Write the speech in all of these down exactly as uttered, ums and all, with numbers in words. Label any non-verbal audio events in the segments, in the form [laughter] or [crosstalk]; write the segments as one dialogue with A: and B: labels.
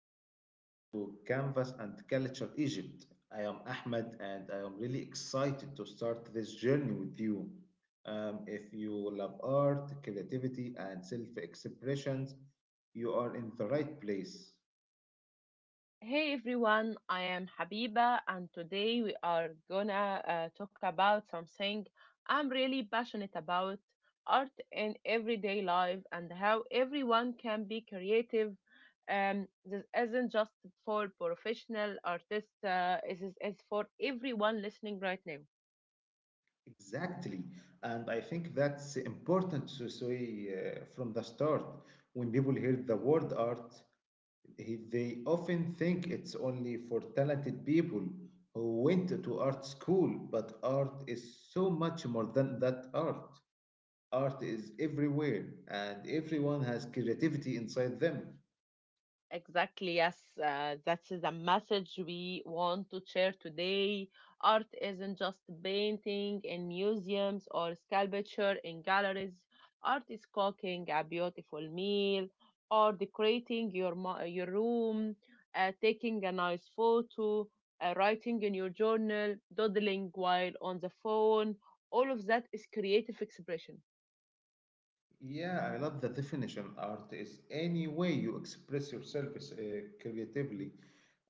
A: and welcome to Canvas and Culture Egypt. I am Ahmed and I am really excited to start this journey with you. Um, if you love art, creativity and self-expressions, you are in the right place.
B: Hey everyone, I am Habiba, and today we are gonna uh, talk about something I'm really passionate about art in everyday life and how everyone can be creative. Um, this isn't just for professional artists, uh, this is is for everyone listening right now.
A: Exactly. And I think that's important to say uh, from the start. When people hear the word art, he- they often think it's only for talented people who went to art school, but art is so much more than that art. Art is everywhere, and everyone has creativity inside them.
B: Exactly, yes. Uh, that's the message we want to share today. Art isn't just painting in museums or sculpture in galleries. Art is cooking a beautiful meal or decorating your, mo- your room, uh, taking a nice photo, uh, writing in your journal, doodling while on the phone. All of that is creative expression.
A: Yeah, I love the definition. Art is any way you express yourself uh, creatively.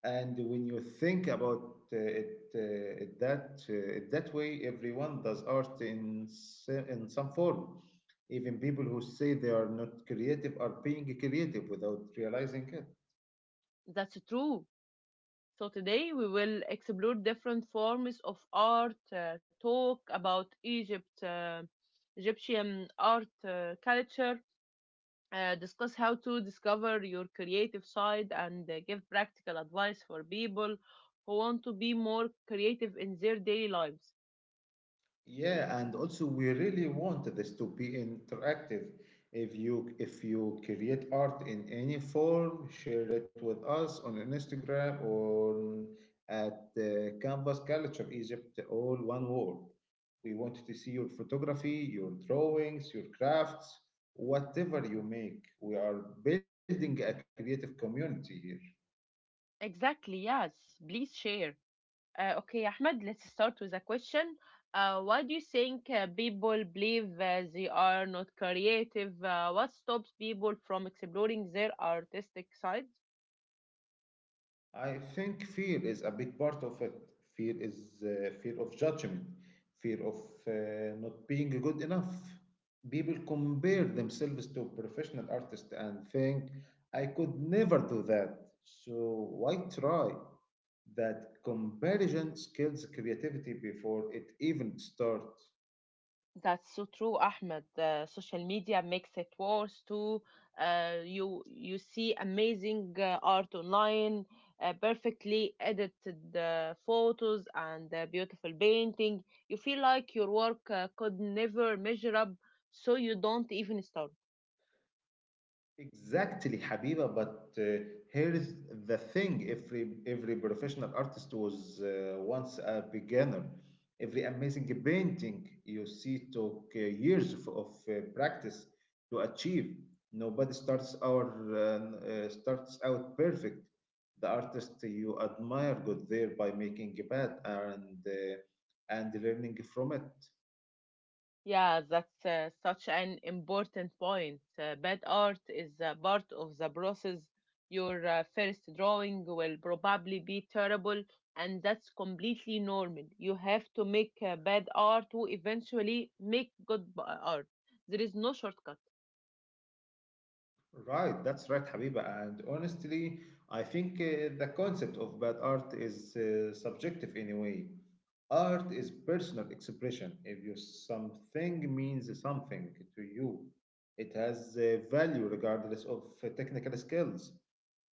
A: And when you think about uh, it, uh, it that uh, it that way, everyone does art in s- in some form. Even people who say they are not creative are being creative without realizing it.
B: That's true. So today we will explore different forms of art, uh, talk about Egypt, uh, Egyptian art uh, culture, uh, discuss how to discover your creative side, and uh, give practical advice for people who want to be more creative in their daily lives.
A: Yeah, and also we really want this to be interactive. If you if you create art in any form, share it with us on Instagram or at uh, Canvas Culture Egypt, all one word. We want to see your photography, your drawings, your crafts, whatever you make. We are building a creative community here.
B: Exactly, yes. Please share. Uh, okay, Ahmed, let's start with a question. Uh, why do you think uh, people believe uh, they are not creative? Uh, what stops people from exploring their artistic side?
A: I think fear is a big part of it. Fear is uh, fear of judgment, fear of uh, not being good enough. People compare themselves to professional artists and think, I could never do that, so why try? That comparison kills creativity before it even starts.
B: That's so true, Ahmed. Uh, social media makes it worse too. Uh, you you see amazing uh, art online, uh, perfectly edited uh, photos and uh, beautiful painting. You feel like your work uh, could never measure up, so you don't even start.
A: Exactly, Habiba. But uh, here's the thing: every every professional artist was uh, once a beginner. Every amazing painting you see took uh, years of, of uh, practice to achieve. Nobody starts our uh, n- uh, starts out perfect. The artist you admire got there by making a bad and uh, and learning from it.
B: Yeah, that's uh, such an important point. Uh, bad art is a part of the process. Your uh, first drawing will probably be terrible, and that's completely normal. You have to make uh, bad art to eventually make good b- uh, art. There is no shortcut.
A: Right, that's right, Habiba. And honestly, I think uh, the concept of bad art is uh, subjective anyway. Art is personal expression. If you something means something to you, it has uh, value regardless of uh, technical skills.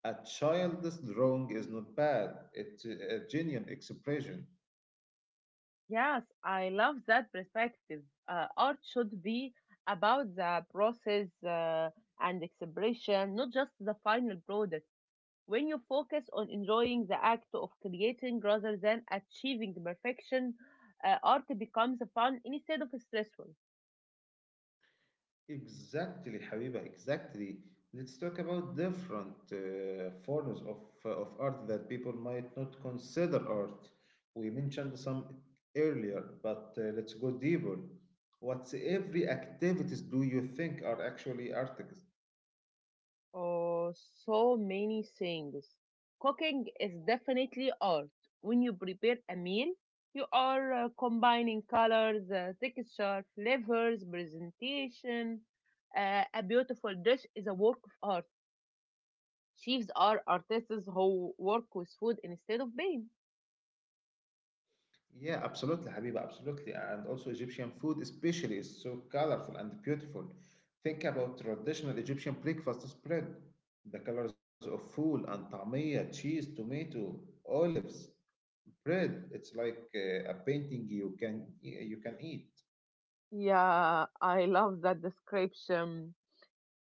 A: A child's drawing is not bad. It's a genuine expression.
B: Yes, I love that perspective. Uh, art should be about the process uh, and expression, not just the final product. When you focus on enjoying the act of creating rather than achieving perfection, uh, art becomes fun instead of stressful.
A: Exactly, Habiba, exactly. Let's talk about different uh, forms of, uh, of art that people might not consider art. We mentioned some earlier, but uh, let's go deeper. What's every activities do you think are actually artists?
B: Oh, so many things. Cooking is definitely art. When you prepare a meal, you are uh, combining colors, uh, texture, flavors, presentation. Uh, a beautiful dish is a work of art. Chefs are artists who work with food instead of paint.
A: Yeah, absolutely, Habiba, absolutely. And also Egyptian food especially is so colorful and beautiful. Think about traditional Egyptian breakfast spread. The colors of fool and tamia, cheese, tomato, olives. Bread, it's like uh, a painting you can you can eat.
B: Yeah, I love that description.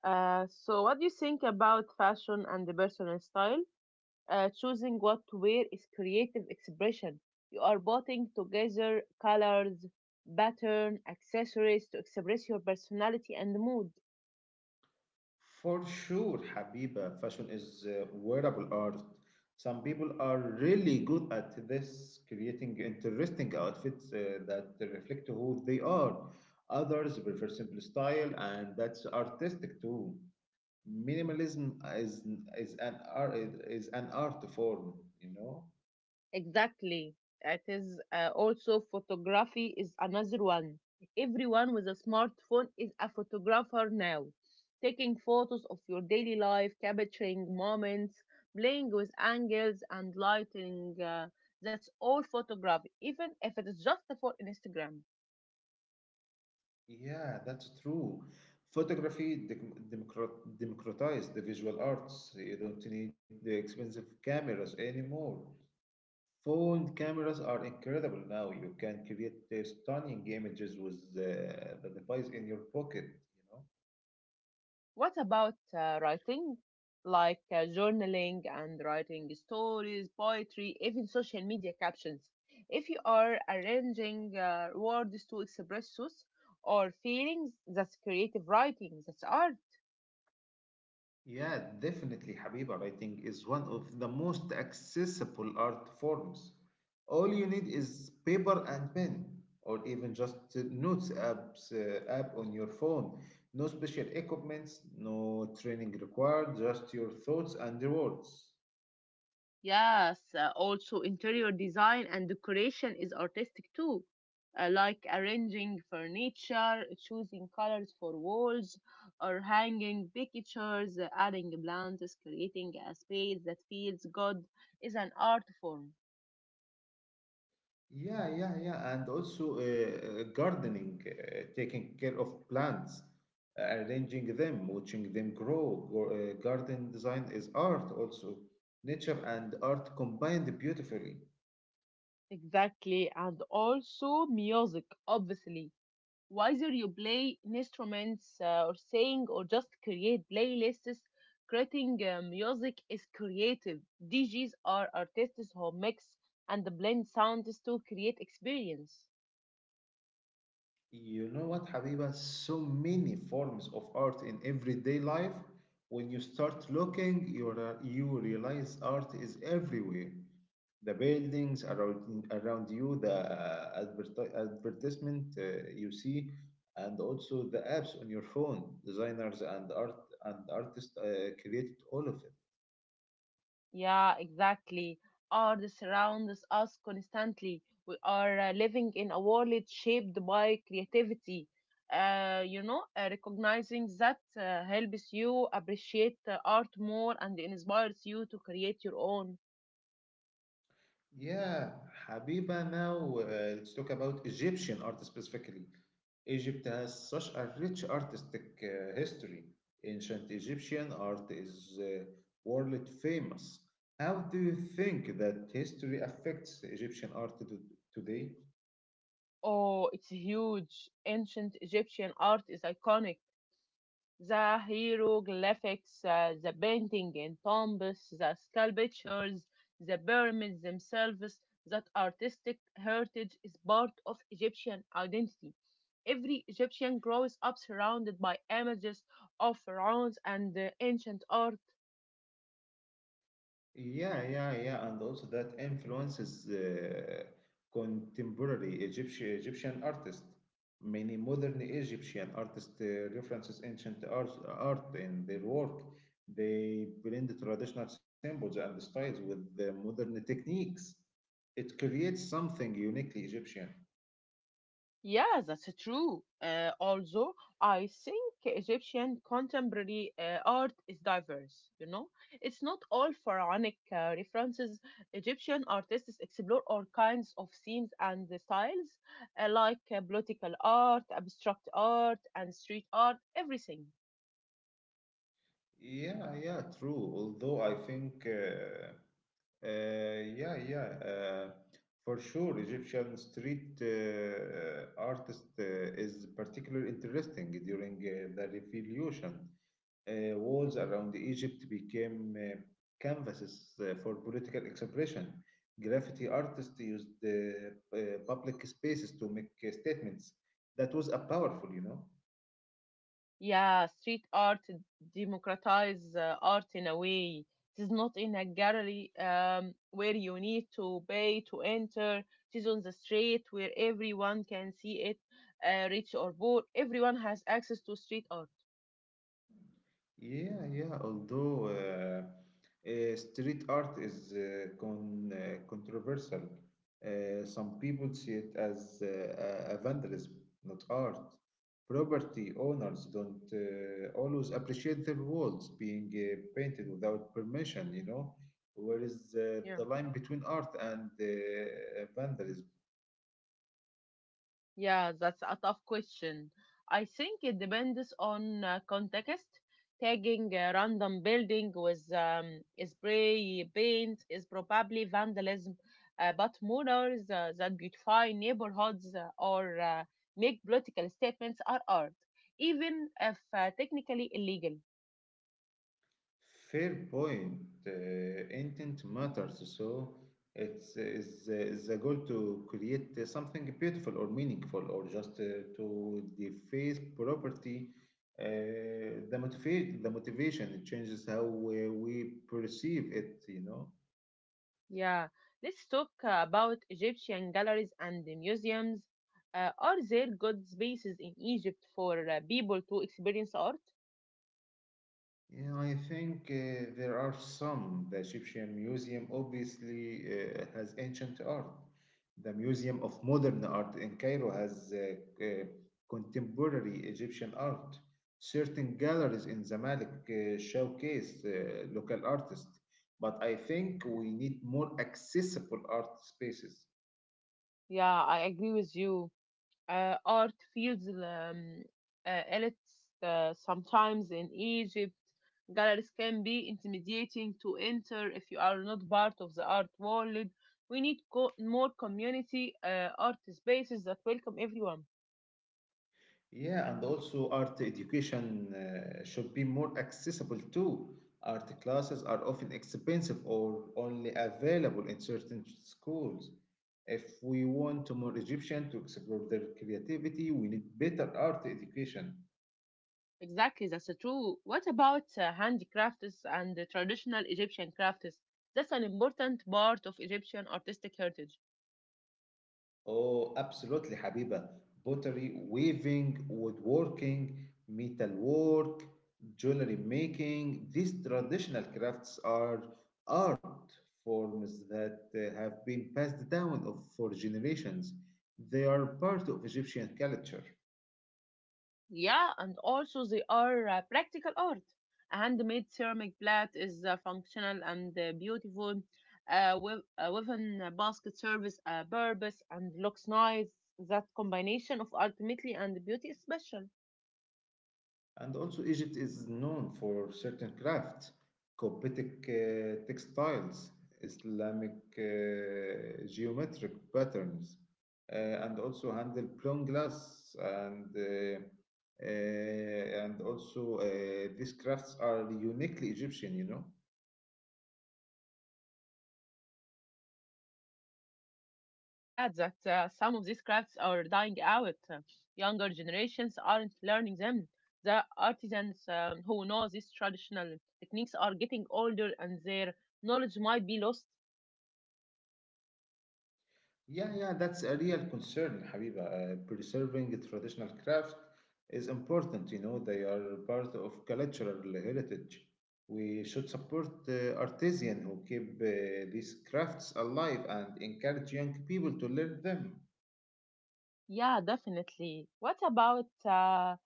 B: Uh, so, what do you think about fashion and the personal style? Uh, choosing what to wear is creative expression. You are putting together colors, pattern, accessories to express your personality and mood.
A: For sure, Habiba, fashion is uh, wearable art. Some people are really good at this, creating interesting outfits uh, that reflect who they are. Others prefer simple style, and that's artistic too. Minimalism is is an art is an art form, you know.
B: Exactly. It is uh, also photography is another one. Everyone with a smartphone is a photographer now. Taking photos of your daily life, capturing moments, playing with angles and lighting. Uh, that's all photography, even if it is just for Instagram.
A: Yeah, that's true. Photography dec- democrat- democratized the visual arts. You don't need the expensive cameras anymore. Phone cameras are incredible now. You can create uh, stunning images with uh, the device in your pocket, you know.
B: What about uh, writing? Like uh, journaling and writing stories, poetry, even social media captions. If you are arranging uh, words to express thoughts or feelings, that's creative writing, that's art.
A: Yeah, definitely, Habibah, writing is one of the most accessible art forms. All you need is paper and pen, or even just the notes apps, uh, app on your phone. No special equipment, no training required, just your thoughts and the words.
B: Yes, uh, also interior design and decoration is artistic too, uh, like arranging furniture, choosing colors for walls, or hanging pictures, uh, adding plants, creating a space that feels good is an art form.
A: Yeah, yeah, yeah, and also uh, uh, gardening, uh, taking care of plants, uh, arranging them, watching them grow. Go- uh, garden design is art also. Nature and art combined beautifully.
B: Exactly, and also music, obviously. Whether you play instruments uh, or sing or just create playlists, creating uh, music is creative. D Js are artists who mix and blend sounds to create experience.
A: You know what, Habiba? So many forms of art in everyday life. When you start looking, you, re- you realize art is everywhere. The buildings around, around you, the uh, adverti- advertisement uh, you see, and also the apps on your phone. Designers and art and artists uh, created all of.
B: Yeah, exactly. Art surrounds us constantly. We are uh, living in a world shaped by creativity. Uh, you know, uh, recognizing that uh, helps you appreciate uh, art more and inspires you to create your own.
A: Yeah, Habiba, now uh, let's talk about Egyptian art specifically. Egypt has such a rich artistic uh, history. Ancient Egyptian art is uh, world famous. How do you think that history affects Egyptian art to- today?
B: Oh, it's huge. Ancient Egyptian art is iconic. The hieroglyphics, uh, the painting in tombs, the sculptures, the pyramids themselves, that artistic heritage is part of Egyptian identity. Every Egyptian grows up surrounded by images of pharaohs and uh, ancient art.
A: Yeah, yeah, yeah, and also that influences uh, contemporary Egyptian Egyptian artists. Many modern Egyptian artists uh, references ancient art, art in their work. They blend traditional symbols and styles with the modern techniques. It creates something uniquely Egyptian.
B: Yeah, that's true. Uh, also, I think Egyptian contemporary uh, art is diverse, you know? It's not all pharaonic uh, references. Egyptian artists explore all kinds of themes and the styles, uh, like uh, political art, abstract art, and street art, everything.
A: Yeah, yeah, true. Although I think, uh, uh, yeah, yeah, uh, for sure, Egyptian street uh, uh, artist uh, is particularly interesting during uh, the revolution. Uh, walls around Egypt became uh, canvases uh, for political expression. Graffiti artists used uh, uh, public spaces to make uh, statements. That was a powerful, you know.
B: Yeah, street art democratize uh, art in a way. It is not in a gallery um, where you need to pay to enter. It is on the street where everyone can see it, uh, rich or poor. Everyone has access to street art.
A: Yeah, yeah. Although uh, uh, street art is uh, con uh, controversial, uh, some people see it as uh, a a vandalism, not art. Property owners don't uh, always appreciate their walls being uh, painted without permission, you know. Where is uh, the
B: Yeah.
A: line between art and uh, vandalism?
B: Yeah, that's a tough question. I think it depends on uh, context. Tagging a random building with um, spray paint is probably vandalism, uh, but murals uh, that beautify neighborhoods uh, or uh, make political statements are art, even if uh, technically illegal.
A: Fair point. Uh, intent matters, so it's is is the goal to create uh, something beautiful or meaningful, or just uh, to deface property. Uh, the motivate the motivation it changes how we, we perceive it. You know.
B: Yeah, let's talk uh, about Egyptian galleries and the museums. Uh, are there good spaces in Egypt for uh, people to experience art?
A: Yeah, I think uh, there are some. The Egyptian Museum obviously uh, has ancient art. The Museum of Modern Art in Cairo has uh, uh, contemporary Egyptian art. Certain galleries in Zamalek uh, showcase uh, local artists, but I think we need more accessible art spaces.
B: Yeah, I agree with you. Uh, art feels um, uh, elite uh, sometimes in Egypt. Galleries can be intimidating to enter if you are not part of the art world. We need co- more community uh, art spaces that welcome everyone.
A: Yeah, and also art education uh, should be more accessible too. Art classes are often expensive or only available in certain schools. If we want more Egyptians to explore their creativity, we need better art education.
B: Exactly, that's true. What about uh, handicrafts and the traditional Egyptian crafts? That's an important part of Egyptian artistic heritage.
A: Oh, absolutely, Habiba. Pottery, weaving, woodworking, metalwork, jewelry making, these traditional crafts are art forms that uh, have been passed down of, for generations. They are part of Egyptian culture.
B: Yeah, and also they are uh, practical art. A handmade ceramic plate is uh, functional and uh, beautiful. Uh, with uh, woven uh, basket serves a purpose and looks nice. That combination of ultimately and beauty is special.
A: And also, Egypt is known for certain crafts, Coptic uh, textiles, Islamic uh, geometric patterns, uh, and also handle plum glass. And, uh, uh, and also, uh, these crafts are uniquely Egyptian, you know.
B: Yeah, it's sad that uh, some of these crafts are dying out. Uh, Younger generations aren't learning them. The artisans um, who know these traditional techniques are getting older and their knowledge might be lost.
A: Yeah, yeah, that's a real concern, Habiba. Uh, preserving traditional craft is important, you know, they are part of cultural heritage. We should support uh, artisans who keep uh, these crafts alive and encourage young people to learn them.
B: Yeah, definitely. What about uh,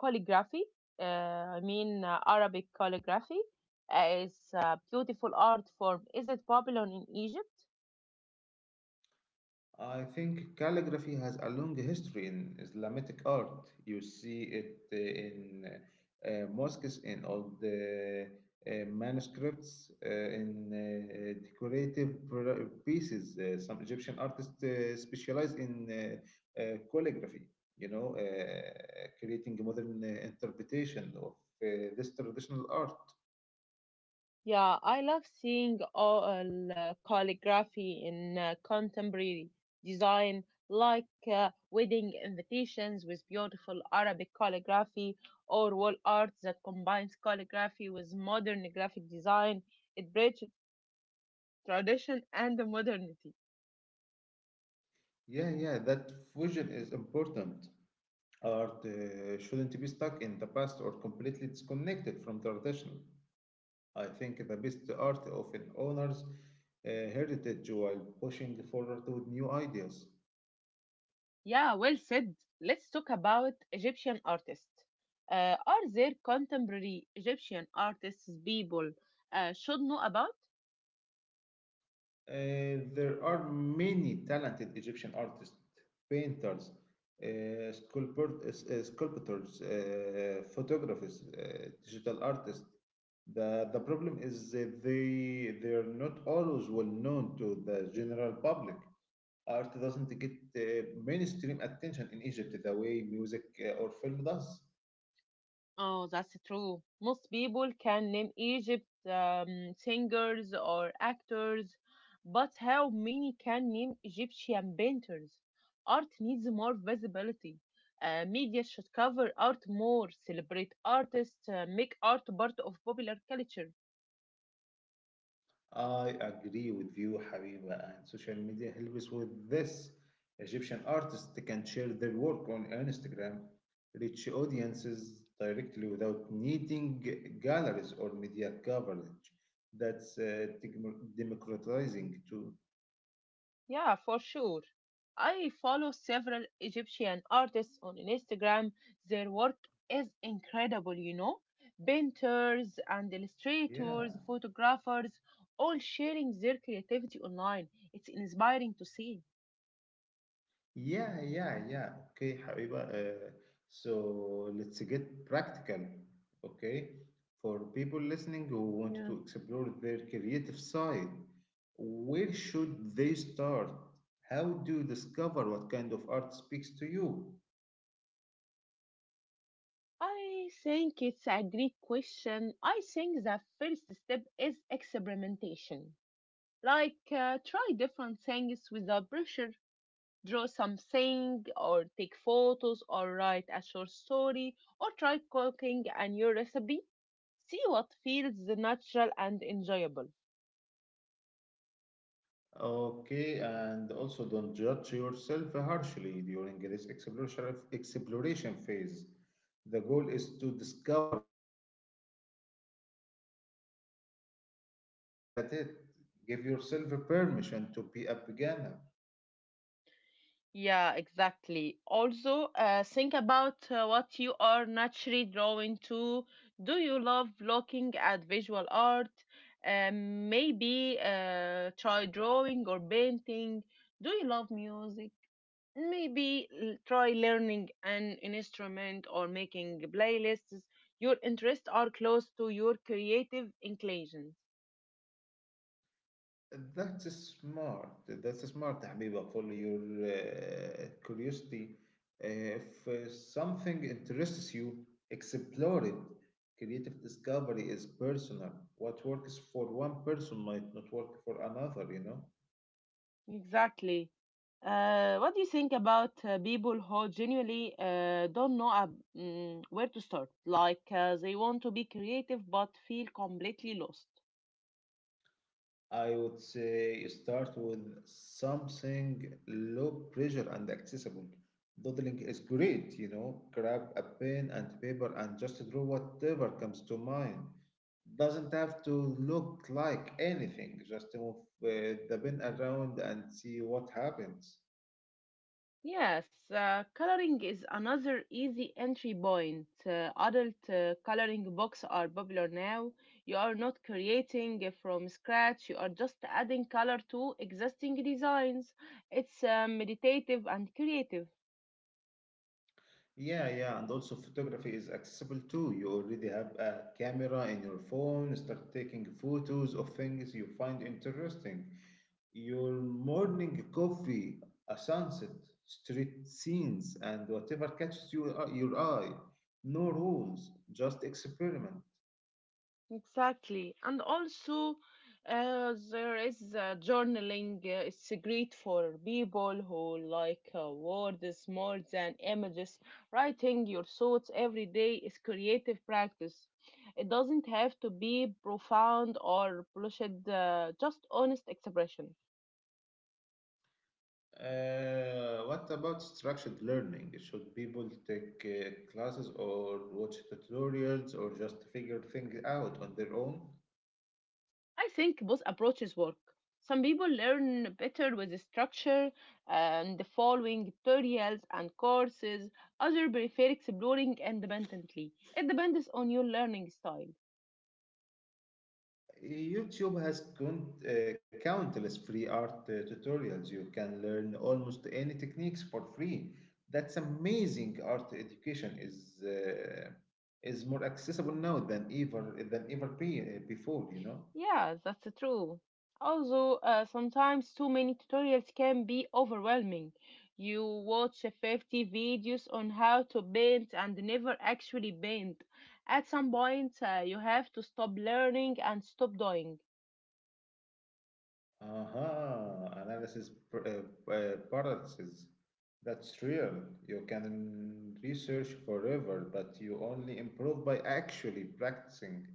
B: calligraphy? Uh, I mean, uh, Arabic calligraphy uh, is a beautiful art form. Is it popular in Egypt?
A: I think calligraphy has a long history in Islamic art. You see it uh, in uh, uh, mosques, in old uh, uh, manuscripts, uh, in uh, decorative pr- pieces. Uh, some Egyptian artists uh, specialize in uh, uh, calligraphy, you know, uh, creating a modern uh, interpretation of uh, this traditional art.
B: Yeah, I love seeing all uh, calligraphy in uh, contemporary design, like uh, wedding invitations with beautiful Arabic calligraphy or wall art that combines calligraphy with modern graphic design. It bridges tradition and modernity.
A: Yeah, yeah, that fusion is important. Art uh, shouldn't be stuck in the past or completely disconnected from tradition. I think the best art often honors uh, heritage while pushing forward with new ideas.
B: Yeah, well said. Let's talk about Egyptian artists. Uh, are there contemporary Egyptian artists people uh, should know about?
A: Uh, there are many talented Egyptian artists, painters, uh, sculptor- uh, sculptors, uh, photographers, uh, digital artists. The, the problem is that they, they are not always well known to the general public. Art doesn't get uh, mainstream attention in Egypt the way music uh, or film does.
B: Oh, that's true. Most people can name Egypt um, singers or actors, but how many can name Egyptian painters? Art needs more visibility. Uh, media should cover art more, celebrate artists, uh, make art part of popular culture.
A: I agree with you, Habiba, and social media helps with this. Egyptian artists can share their work on Instagram, reach audiences directly without needing g- galleries or media coverage. That's uh, dem- democratizing too.
B: Yeah, for sure. I follow several Egyptian artists on Instagram. Their work is incredible, you know. Painters and illustrators,
A: Yeah.
B: photographers, all sharing their creativity online. It's inspiring to see.
A: Yeah, yeah, yeah. Okay, Habiba. Uh, so let's get practical. Okay, for people listening who want
B: Yeah.
A: to explore their creative side, where should they start? How do you discover what kind of art speaks to you?
B: I think it's a great question. I think the first step is experimentation. Like, uh, try different things without pressure, draw something or take photos or write a short story or try cooking a new recipe, see what feels natural and enjoyable.
A: Okay, and also don't judge yourself harshly during this exploration exploration phase. The goal is to discover what you like doing, not be not to be immediately good at it.
B: yeah
A: Give yourself a
B: yeah
A: permission to be a beginner.
B: yeah exactly, also uh, think about uh, what you are naturally drawn to. Do you love looking at visual art? Um, maybe uh, try drawing or painting. Do you love music? Maybe l- try learning an instrument or making playlists. Your interests are close to your creative inclinations.
A: That's smart. That's smart, Habiba, for your uh, curiosity. Uh, If uh, something interests you, explore it. Creative discovery is personal. What works for one person might not work for another, you know?
B: Exactly. Uh, what do you think about uh, people who genuinely uh, don't know ab- mm, where to start? Like uh, they want to be creative but feel completely lost.
A: I would say start with something low pressure and accessible. Doodling is great, you know. Grab a pen and paper and just draw whatever comes to mind. Doesn't have to look like anything. Just move uh, the pen around and see what happens.
B: Yes, uh, coloring is another easy entry point. Uh, adult uh, coloring books are popular now. You are not creating from scratch, you are just adding color to existing designs. It's uh, meditative and creative.
A: Yeah, yeah, and also photography is accessible too. You already have a camera in your phone, start taking photos of things you find interesting. Your morning coffee, a sunset, street scenes, and whatever catches you, your eye. No rules, just experiment.
B: Exactly. And also, uh, there is uh, journaling. Uh, it's great for people who like uh, words more than images. Writing your thoughts every day is creative practice. It doesn't have to be profound or polished, uh, just honest expression.
A: Uh, what about structured learning? Should people take uh, classes or watch tutorials or just figure things out on their own?
B: I think both approaches work. Some people learn better with structure and following tutorials and courses. Others prefer exploring independently. It depends on your learning style.
A: YouTube has count, uh, countless free art uh, tutorials. You can learn almost any techniques for free. That's amazing. Art education is uh, is more accessible now than ever than ever be, uh, before. You know.
B: Yeah, that's true. Also, uh, sometimes too many tutorials can be overwhelming. You watch fifty videos on how to paint and never actually paint. At some point, uh, you have to stop learning and stop doing.
A: Aha! Analysis pr- uh, uh, paralysis. That's real. You can research forever, but you only improve by actually practicing.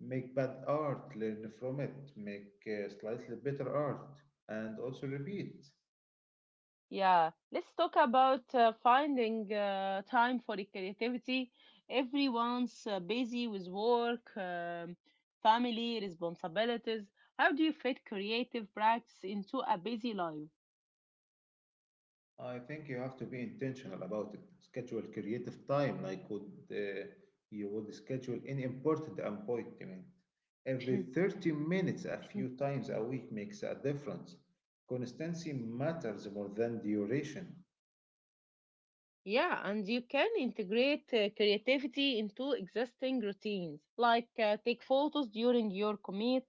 A: Make bad art, learn from it, make uh, slightly better art, and also repeat.
B: Yeah, let's talk about uh, finding uh, time for the creativity. Everyone's uh, busy with work, um, family, responsibilities. How do you fit creative practice into a busy life?
A: I think you have to be intentional about it. Schedule creative time, like would uh, you would schedule any important appointment. Every
B: [clears throat]
A: thirty minutes, a few times a week makes a difference. Consistency matters more than duration.
B: Yeah, and you can integrate uh, creativity into existing routines, like uh, take photos during your commute,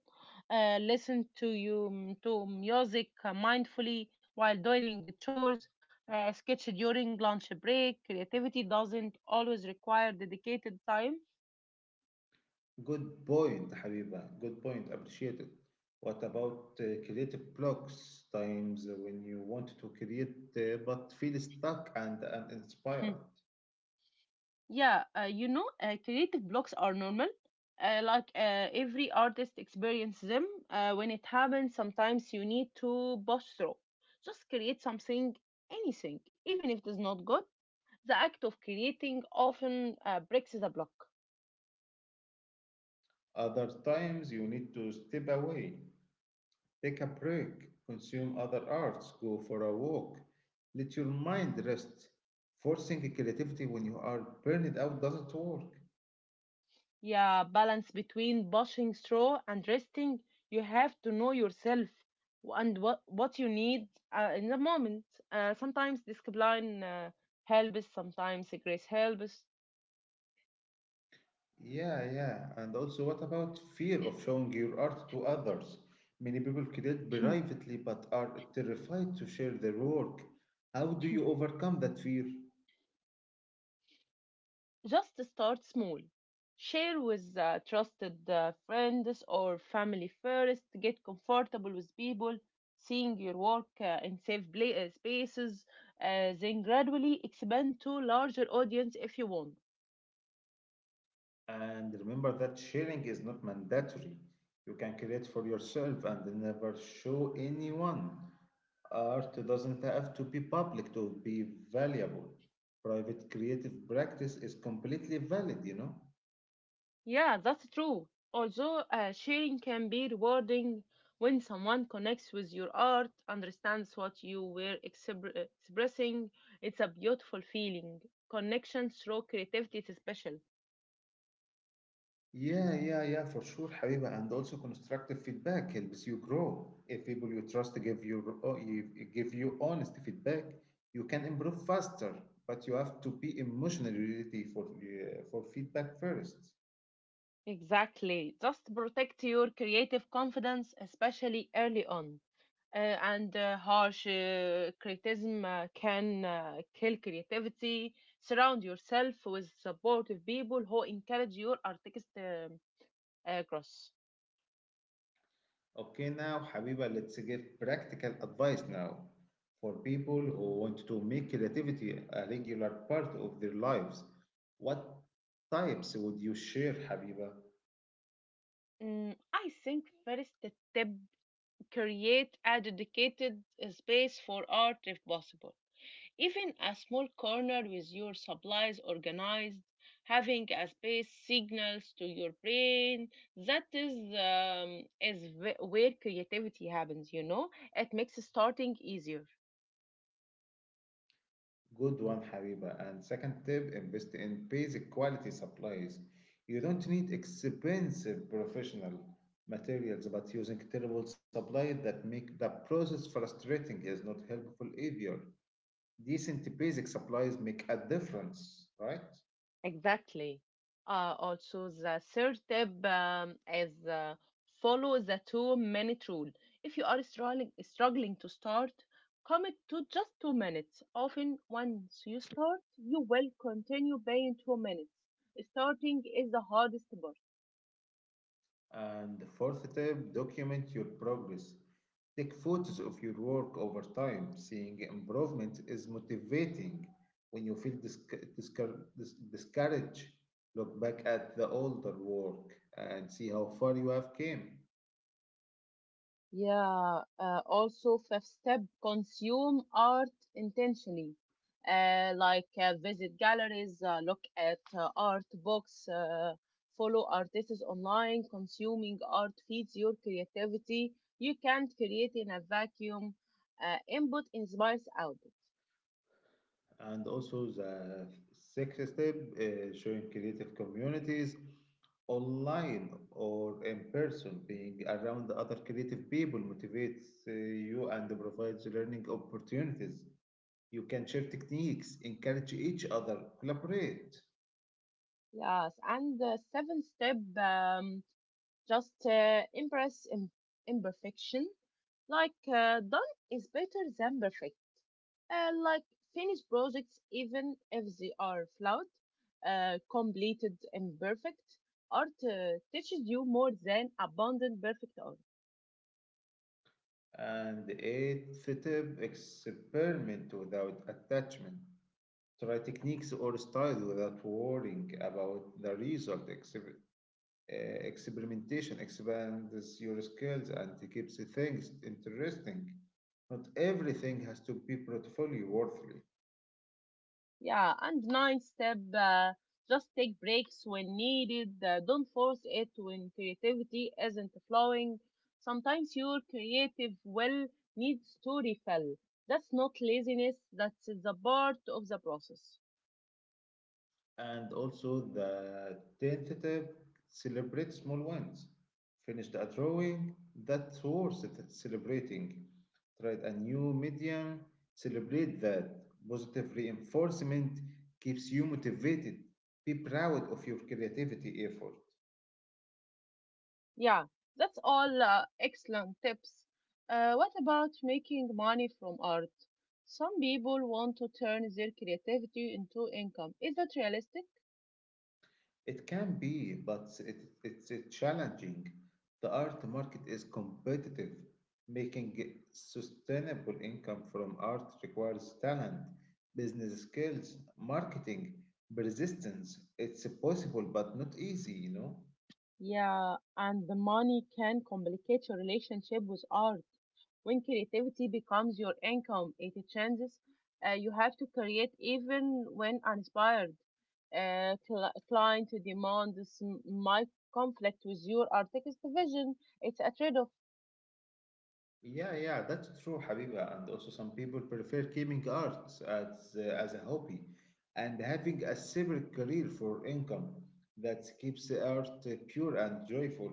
B: uh, listen to you mm, to music uh, mindfully while doing chores, uh, sketch during lunch break. Creativity doesn't always require dedicated time.
A: Good point, Habiba. Good point. Appreciate it. What about uh, creative blocks times when you want to create uh, but feel stuck and uninspired?
B: [laughs] Yeah, uh, you know, uh, creative blocks are normal. Uh, like uh, every artist experiences them. Uh, when it happens, sometimes you need to push through. Just create something, anything, even if it is not good. The act of creating often uh, breaks the block.
A: Other times you need to step away, take a break, consume other arts, go for a walk, let your mind rest. Forcing creativity when you are burned out doesn't work.
B: Yeah, balance between pushing through and resting. You have to know yourself and what, what you need uh, in the moment. Uh, sometimes discipline uh, helps, sometimes grace helps.
A: Yeah, yeah. And also, what about fear of showing your art to others? Many people create privately but are terrified to share their work. How do you overcome that fear?
B: Just start small. Share with uh, trusted uh, friends or family first. Get comfortable with people seeing your work uh, in safe pla- uh, spaces. Uh, then gradually expand to larger audience if you want.
A: And remember that sharing is not mandatory. You can create for yourself and never show anyone. Art doesn't have to be public to be valuable. Private creative practice is completely valid, you know?
B: Yeah, that's true. Although uh, sharing can be rewarding when someone connects with your art, understands what you were expre- expressing, it's a beautiful feeling. Connection through creativity is special.
A: Yeah, yeah, yeah, for sure, Habiba. And also constructive feedback helps you grow. If people you trust give you oh, you- give you honest feedback, you can improve faster. But you have to be emotionally ready for uh, for feedback first.
B: Exactly. Just protect your creative confidence, especially early on. Uh, and uh, harsh uh, criticism uh, can uh, kill creativity. Surround yourself with supportive people who encourage your artist um, uh, cross.
A: Okay, now, Habiba, let's give practical advice now for people who want to make creativity a regular part of their lives. What types would you share, Habiba?
B: Mm, I think first step create a dedicated uh, space for art if possible. Even a small corner with your supplies organized, having a space signals to your brain. That is um, is wh- where creativity happens. You know, it makes starting easier.
A: Good one, Habiba. And second tip, invest in basic quality supplies. You don't need expensive professional materials, but using terrible supplies that make the process frustrating is not helpful either. Decent basic supplies make a difference, right?
B: Exactly. Uh, also, the third tip um, is uh, follow the two minute rule. If you are struggling, struggling to start, commit to just two minutes. Often, once you start, you will continue beyond two minutes. Starting is the hardest part.
A: And the fourth tip, document your progress. Take photos of your work over time. Seeing improvement is motivating. When you feel disc- discour- dis- discouraged, look back at the older work and see how far you have came.
B: Yeah, uh, also fifth step, consume art intentionally. Uh, like uh, visit galleries, uh, look at uh, art books, uh, follow artists online. Consuming art feeds your creativity. You can't create in a vacuum. Uh, input inspires output.
A: And also the sixth step, uh, showing creative communities online or in person. Being around the other creative people motivates uh, you and provides learning opportunities. You can share techniques, encourage each other, collaborate,
B: Yes, and the seventh step, um, just uh, impress im- imperfection. Like uh, done is better than perfect. uh, like Finished projects, even if they are flawed, uh, completed, imperfect. Art uh, teaches you more than abundant perfect art.
A: and aid fitted experiment without attachment. Try techniques or styles without worrying about the result. Exper- uh, experimentation expands your skills and keeps things interesting. Not everything has to be portfolio worthy.
B: Yeah, and ninth step, uh, just take breaks when needed. Uh, don't force it when creativity isn't flowing. Sometimes your creative will needs to refill. That's not laziness, that's the part of the process.
A: And also the tenth tip, celebrate small wins. Finished a drawing, that's worth celebrating. Tried a new medium, celebrate that. Positive reinforcement keeps you motivated. Be proud of your creativity effort.
B: Yeah, that's all uh, excellent tips. Uh, what about making money from art? Some people want to turn their creativity into income. Is that realistic?
A: It can be, but it, it's uh, challenging. The art market is competitive. Making sustainable income from art requires talent, business skills, marketing, persistence. It's possible, but not easy, you know?
B: Yeah, and the money can complicate your relationship with art. When creativity becomes your income, it changes. Uh, you have to create even when uninspired. Uh, cl- client demands might conflict with your artistic vision. It's a trade-off.
A: Yeah, yeah, that's true, Habiba. And also, some people prefer gaming arts as uh, as a hobby and having a separate career for income that keeps the art uh, pure and joyful.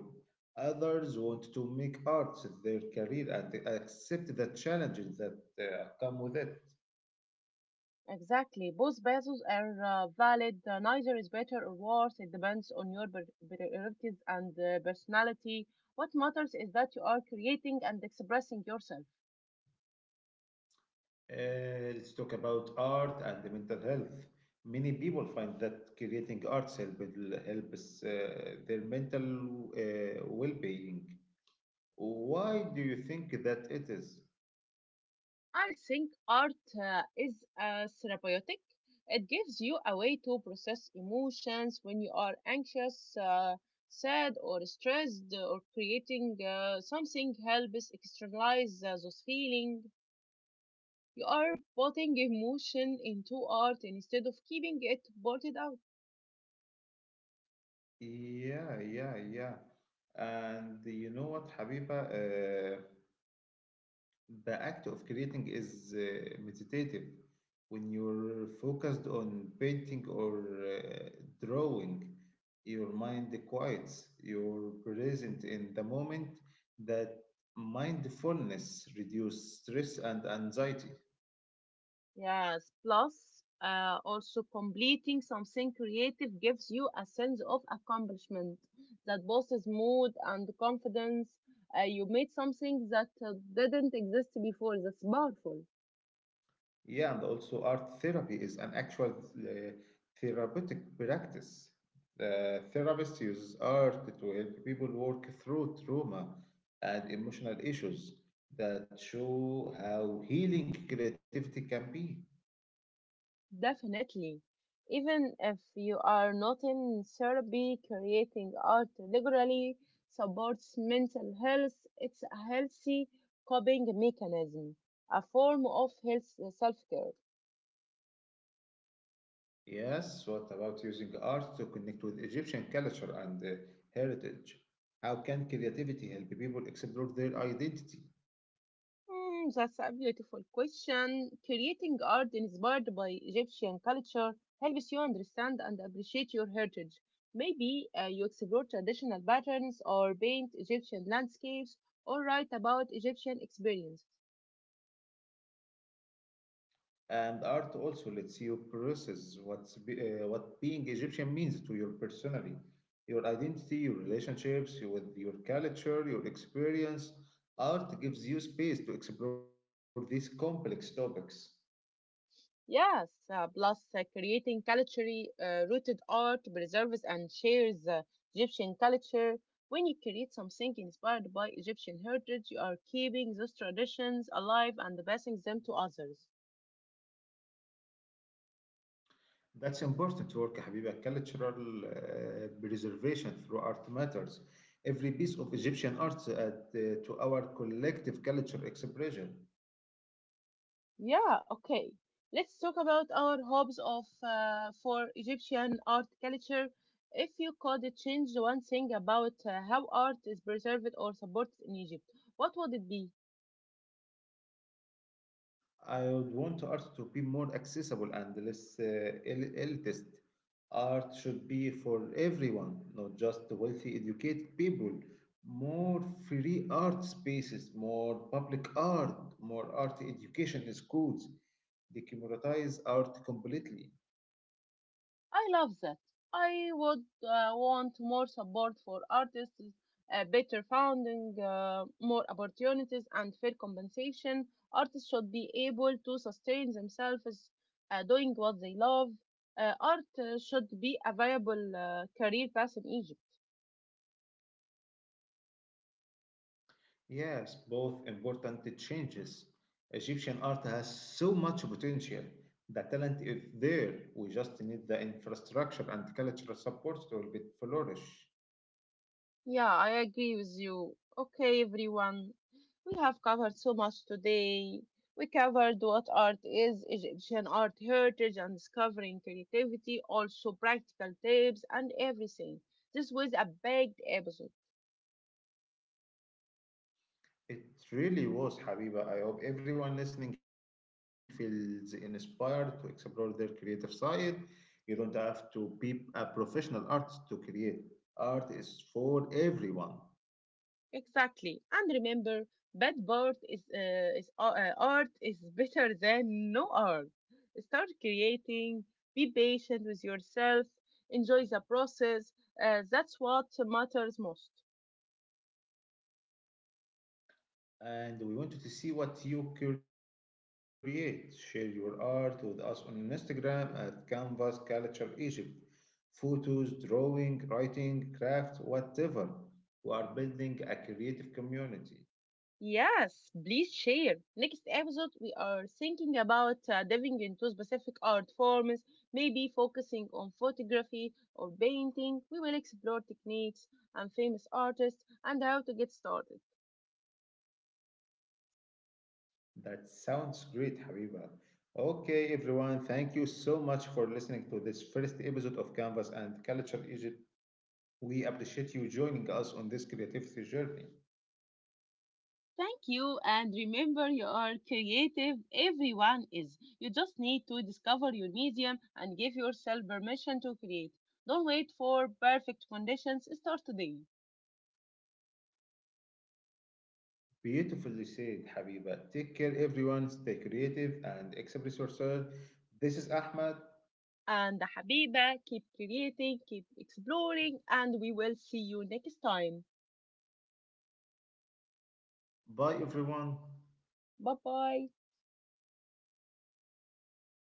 A: Others want to make art their career and accept the challenges that uh, come with it.
B: Exactly. Both bases are uh, valid. Uh, neither is better or worse. It depends on your pri- priorities and uh, personality. What matters is that you are creating and expressing yourself.
A: Uh, let's talk about art and the mental health. Many people find that creating arts help helps uh, their mental uh, well-being. Why do you think that it is?
B: I think art uh, is uh, therapeutic. It gives you a way to process emotions when you are anxious, uh, sad, or stressed, or creating uh, something helps externalize uh, those feelings. You are putting emotion into art instead of keeping it blotted out.
A: Yeah, yeah, yeah. And you know what, Habiba? Uh, the act of creating is uh, meditative. When you're focused on painting or uh, drawing, your mind quiets, you're present in the moment. That mindfulness reduces stress and anxiety.
B: Yes, plus uh, also completing something creative gives you a sense of accomplishment that boosts mood and confidence. Uh, you made something that uh, didn't exist before. That's powerful.
A: Yeah, and also art therapy is an actual uh, therapeutic practice. Uh, therapists use art to help people work through trauma and emotional issues that show how healing creativity can be.
B: Definitely. Even if you are not in therapy, creating art regularly supports mental health. It's a healthy coping mechanism, a form of health self care.
A: Yes, what about using art to connect with Egyptian culture and uh, heritage? How can creativity help people explore their identity?
B: Hmm, that's a beautiful question. Creating art inspired by Egyptian culture helps you understand and appreciate your heritage. Maybe uh, you explore traditional patterns or paint Egyptian landscapes or write about Egyptian experience.
A: And art also lets you process what's be, uh, what being Egyptian means to your personally, your identity, your relationships with your culture, your experience. Art gives you space to explore these complex topics.
B: Yes, uh, plus uh, creating culturally uh, rooted art preserves and shares uh, Egyptian culture. When you create something inspired by Egyptian heritage, you are keeping those traditions alive and passing them to others.
A: That's important work, Habiba. Cultural uh, preservation through art matters. Every piece of Egyptian art adds uh, to our collective culture expression.
B: Yeah, okay. Let's talk about our hopes of uh, for Egyptian art culture. If you could change one thing about uh, how art is preserved or supported in Egypt, what would it be?
A: I would want art to be more accessible and less uh, el- elitist. Art should be for everyone, not just the wealthy, educated people. More free art spaces, more public art, more art education in schools. Democratize art completely.
B: I love that. I would uh, want more support for artists, uh, better funding, uh, more opportunities, and fair compensation. Artists should be able to sustain themselves uh, doing what they love. Uh, art uh, should be a viable uh, career path in Egypt.
A: Yes, both important changes. Egyptian art has so much potential. The talent is there. We just need the infrastructure and cultural support to help it flourish.
B: Yeah, I agree with you. Okay, everyone, we have covered so much today. We covered what art is, Egyptian art heritage, and discovering creativity, also practical tips and everything. This was a big episode.
A: It really was, Habiba. I hope everyone listening feels inspired to explore their creative side. You don't have to be a professional artist to create. Art is for everyone.
B: Exactly. And remember, bad art is, uh, is uh, uh, art is [laughs] better than no art. Start creating, be patient with yourself, enjoy the process. Uh, that's what matters most.
A: And we wanted to see what you create. Share your art with us on Instagram at Canvas Culture Egypt. Photos, drawing, writing, craft, whatever. We are building a creative community.
B: Yes, please share. Next episode, we are thinking about uh, diving into specific art forms, maybe focusing on photography or painting. We will explore techniques and famous artists and how to get started.
A: That sounds great, Habiba. Okay, everyone, thank you so much for listening to this first episode of Canvas and Culture Egypt. We appreciate you joining us on this creativity journey.
B: Thank you, and remember you are creative. Everyone is. You just need to discover your medium and give yourself permission to create. Don't wait for perfect conditions. Start today.
A: Beautifully said, Habiba. Take care, everyone. Stay creative and express yourself. This is Ahmed.
B: And Habiba. Keep creating, keep exploring, and we will see you next time.
A: Bye, everyone.
B: Bye bye.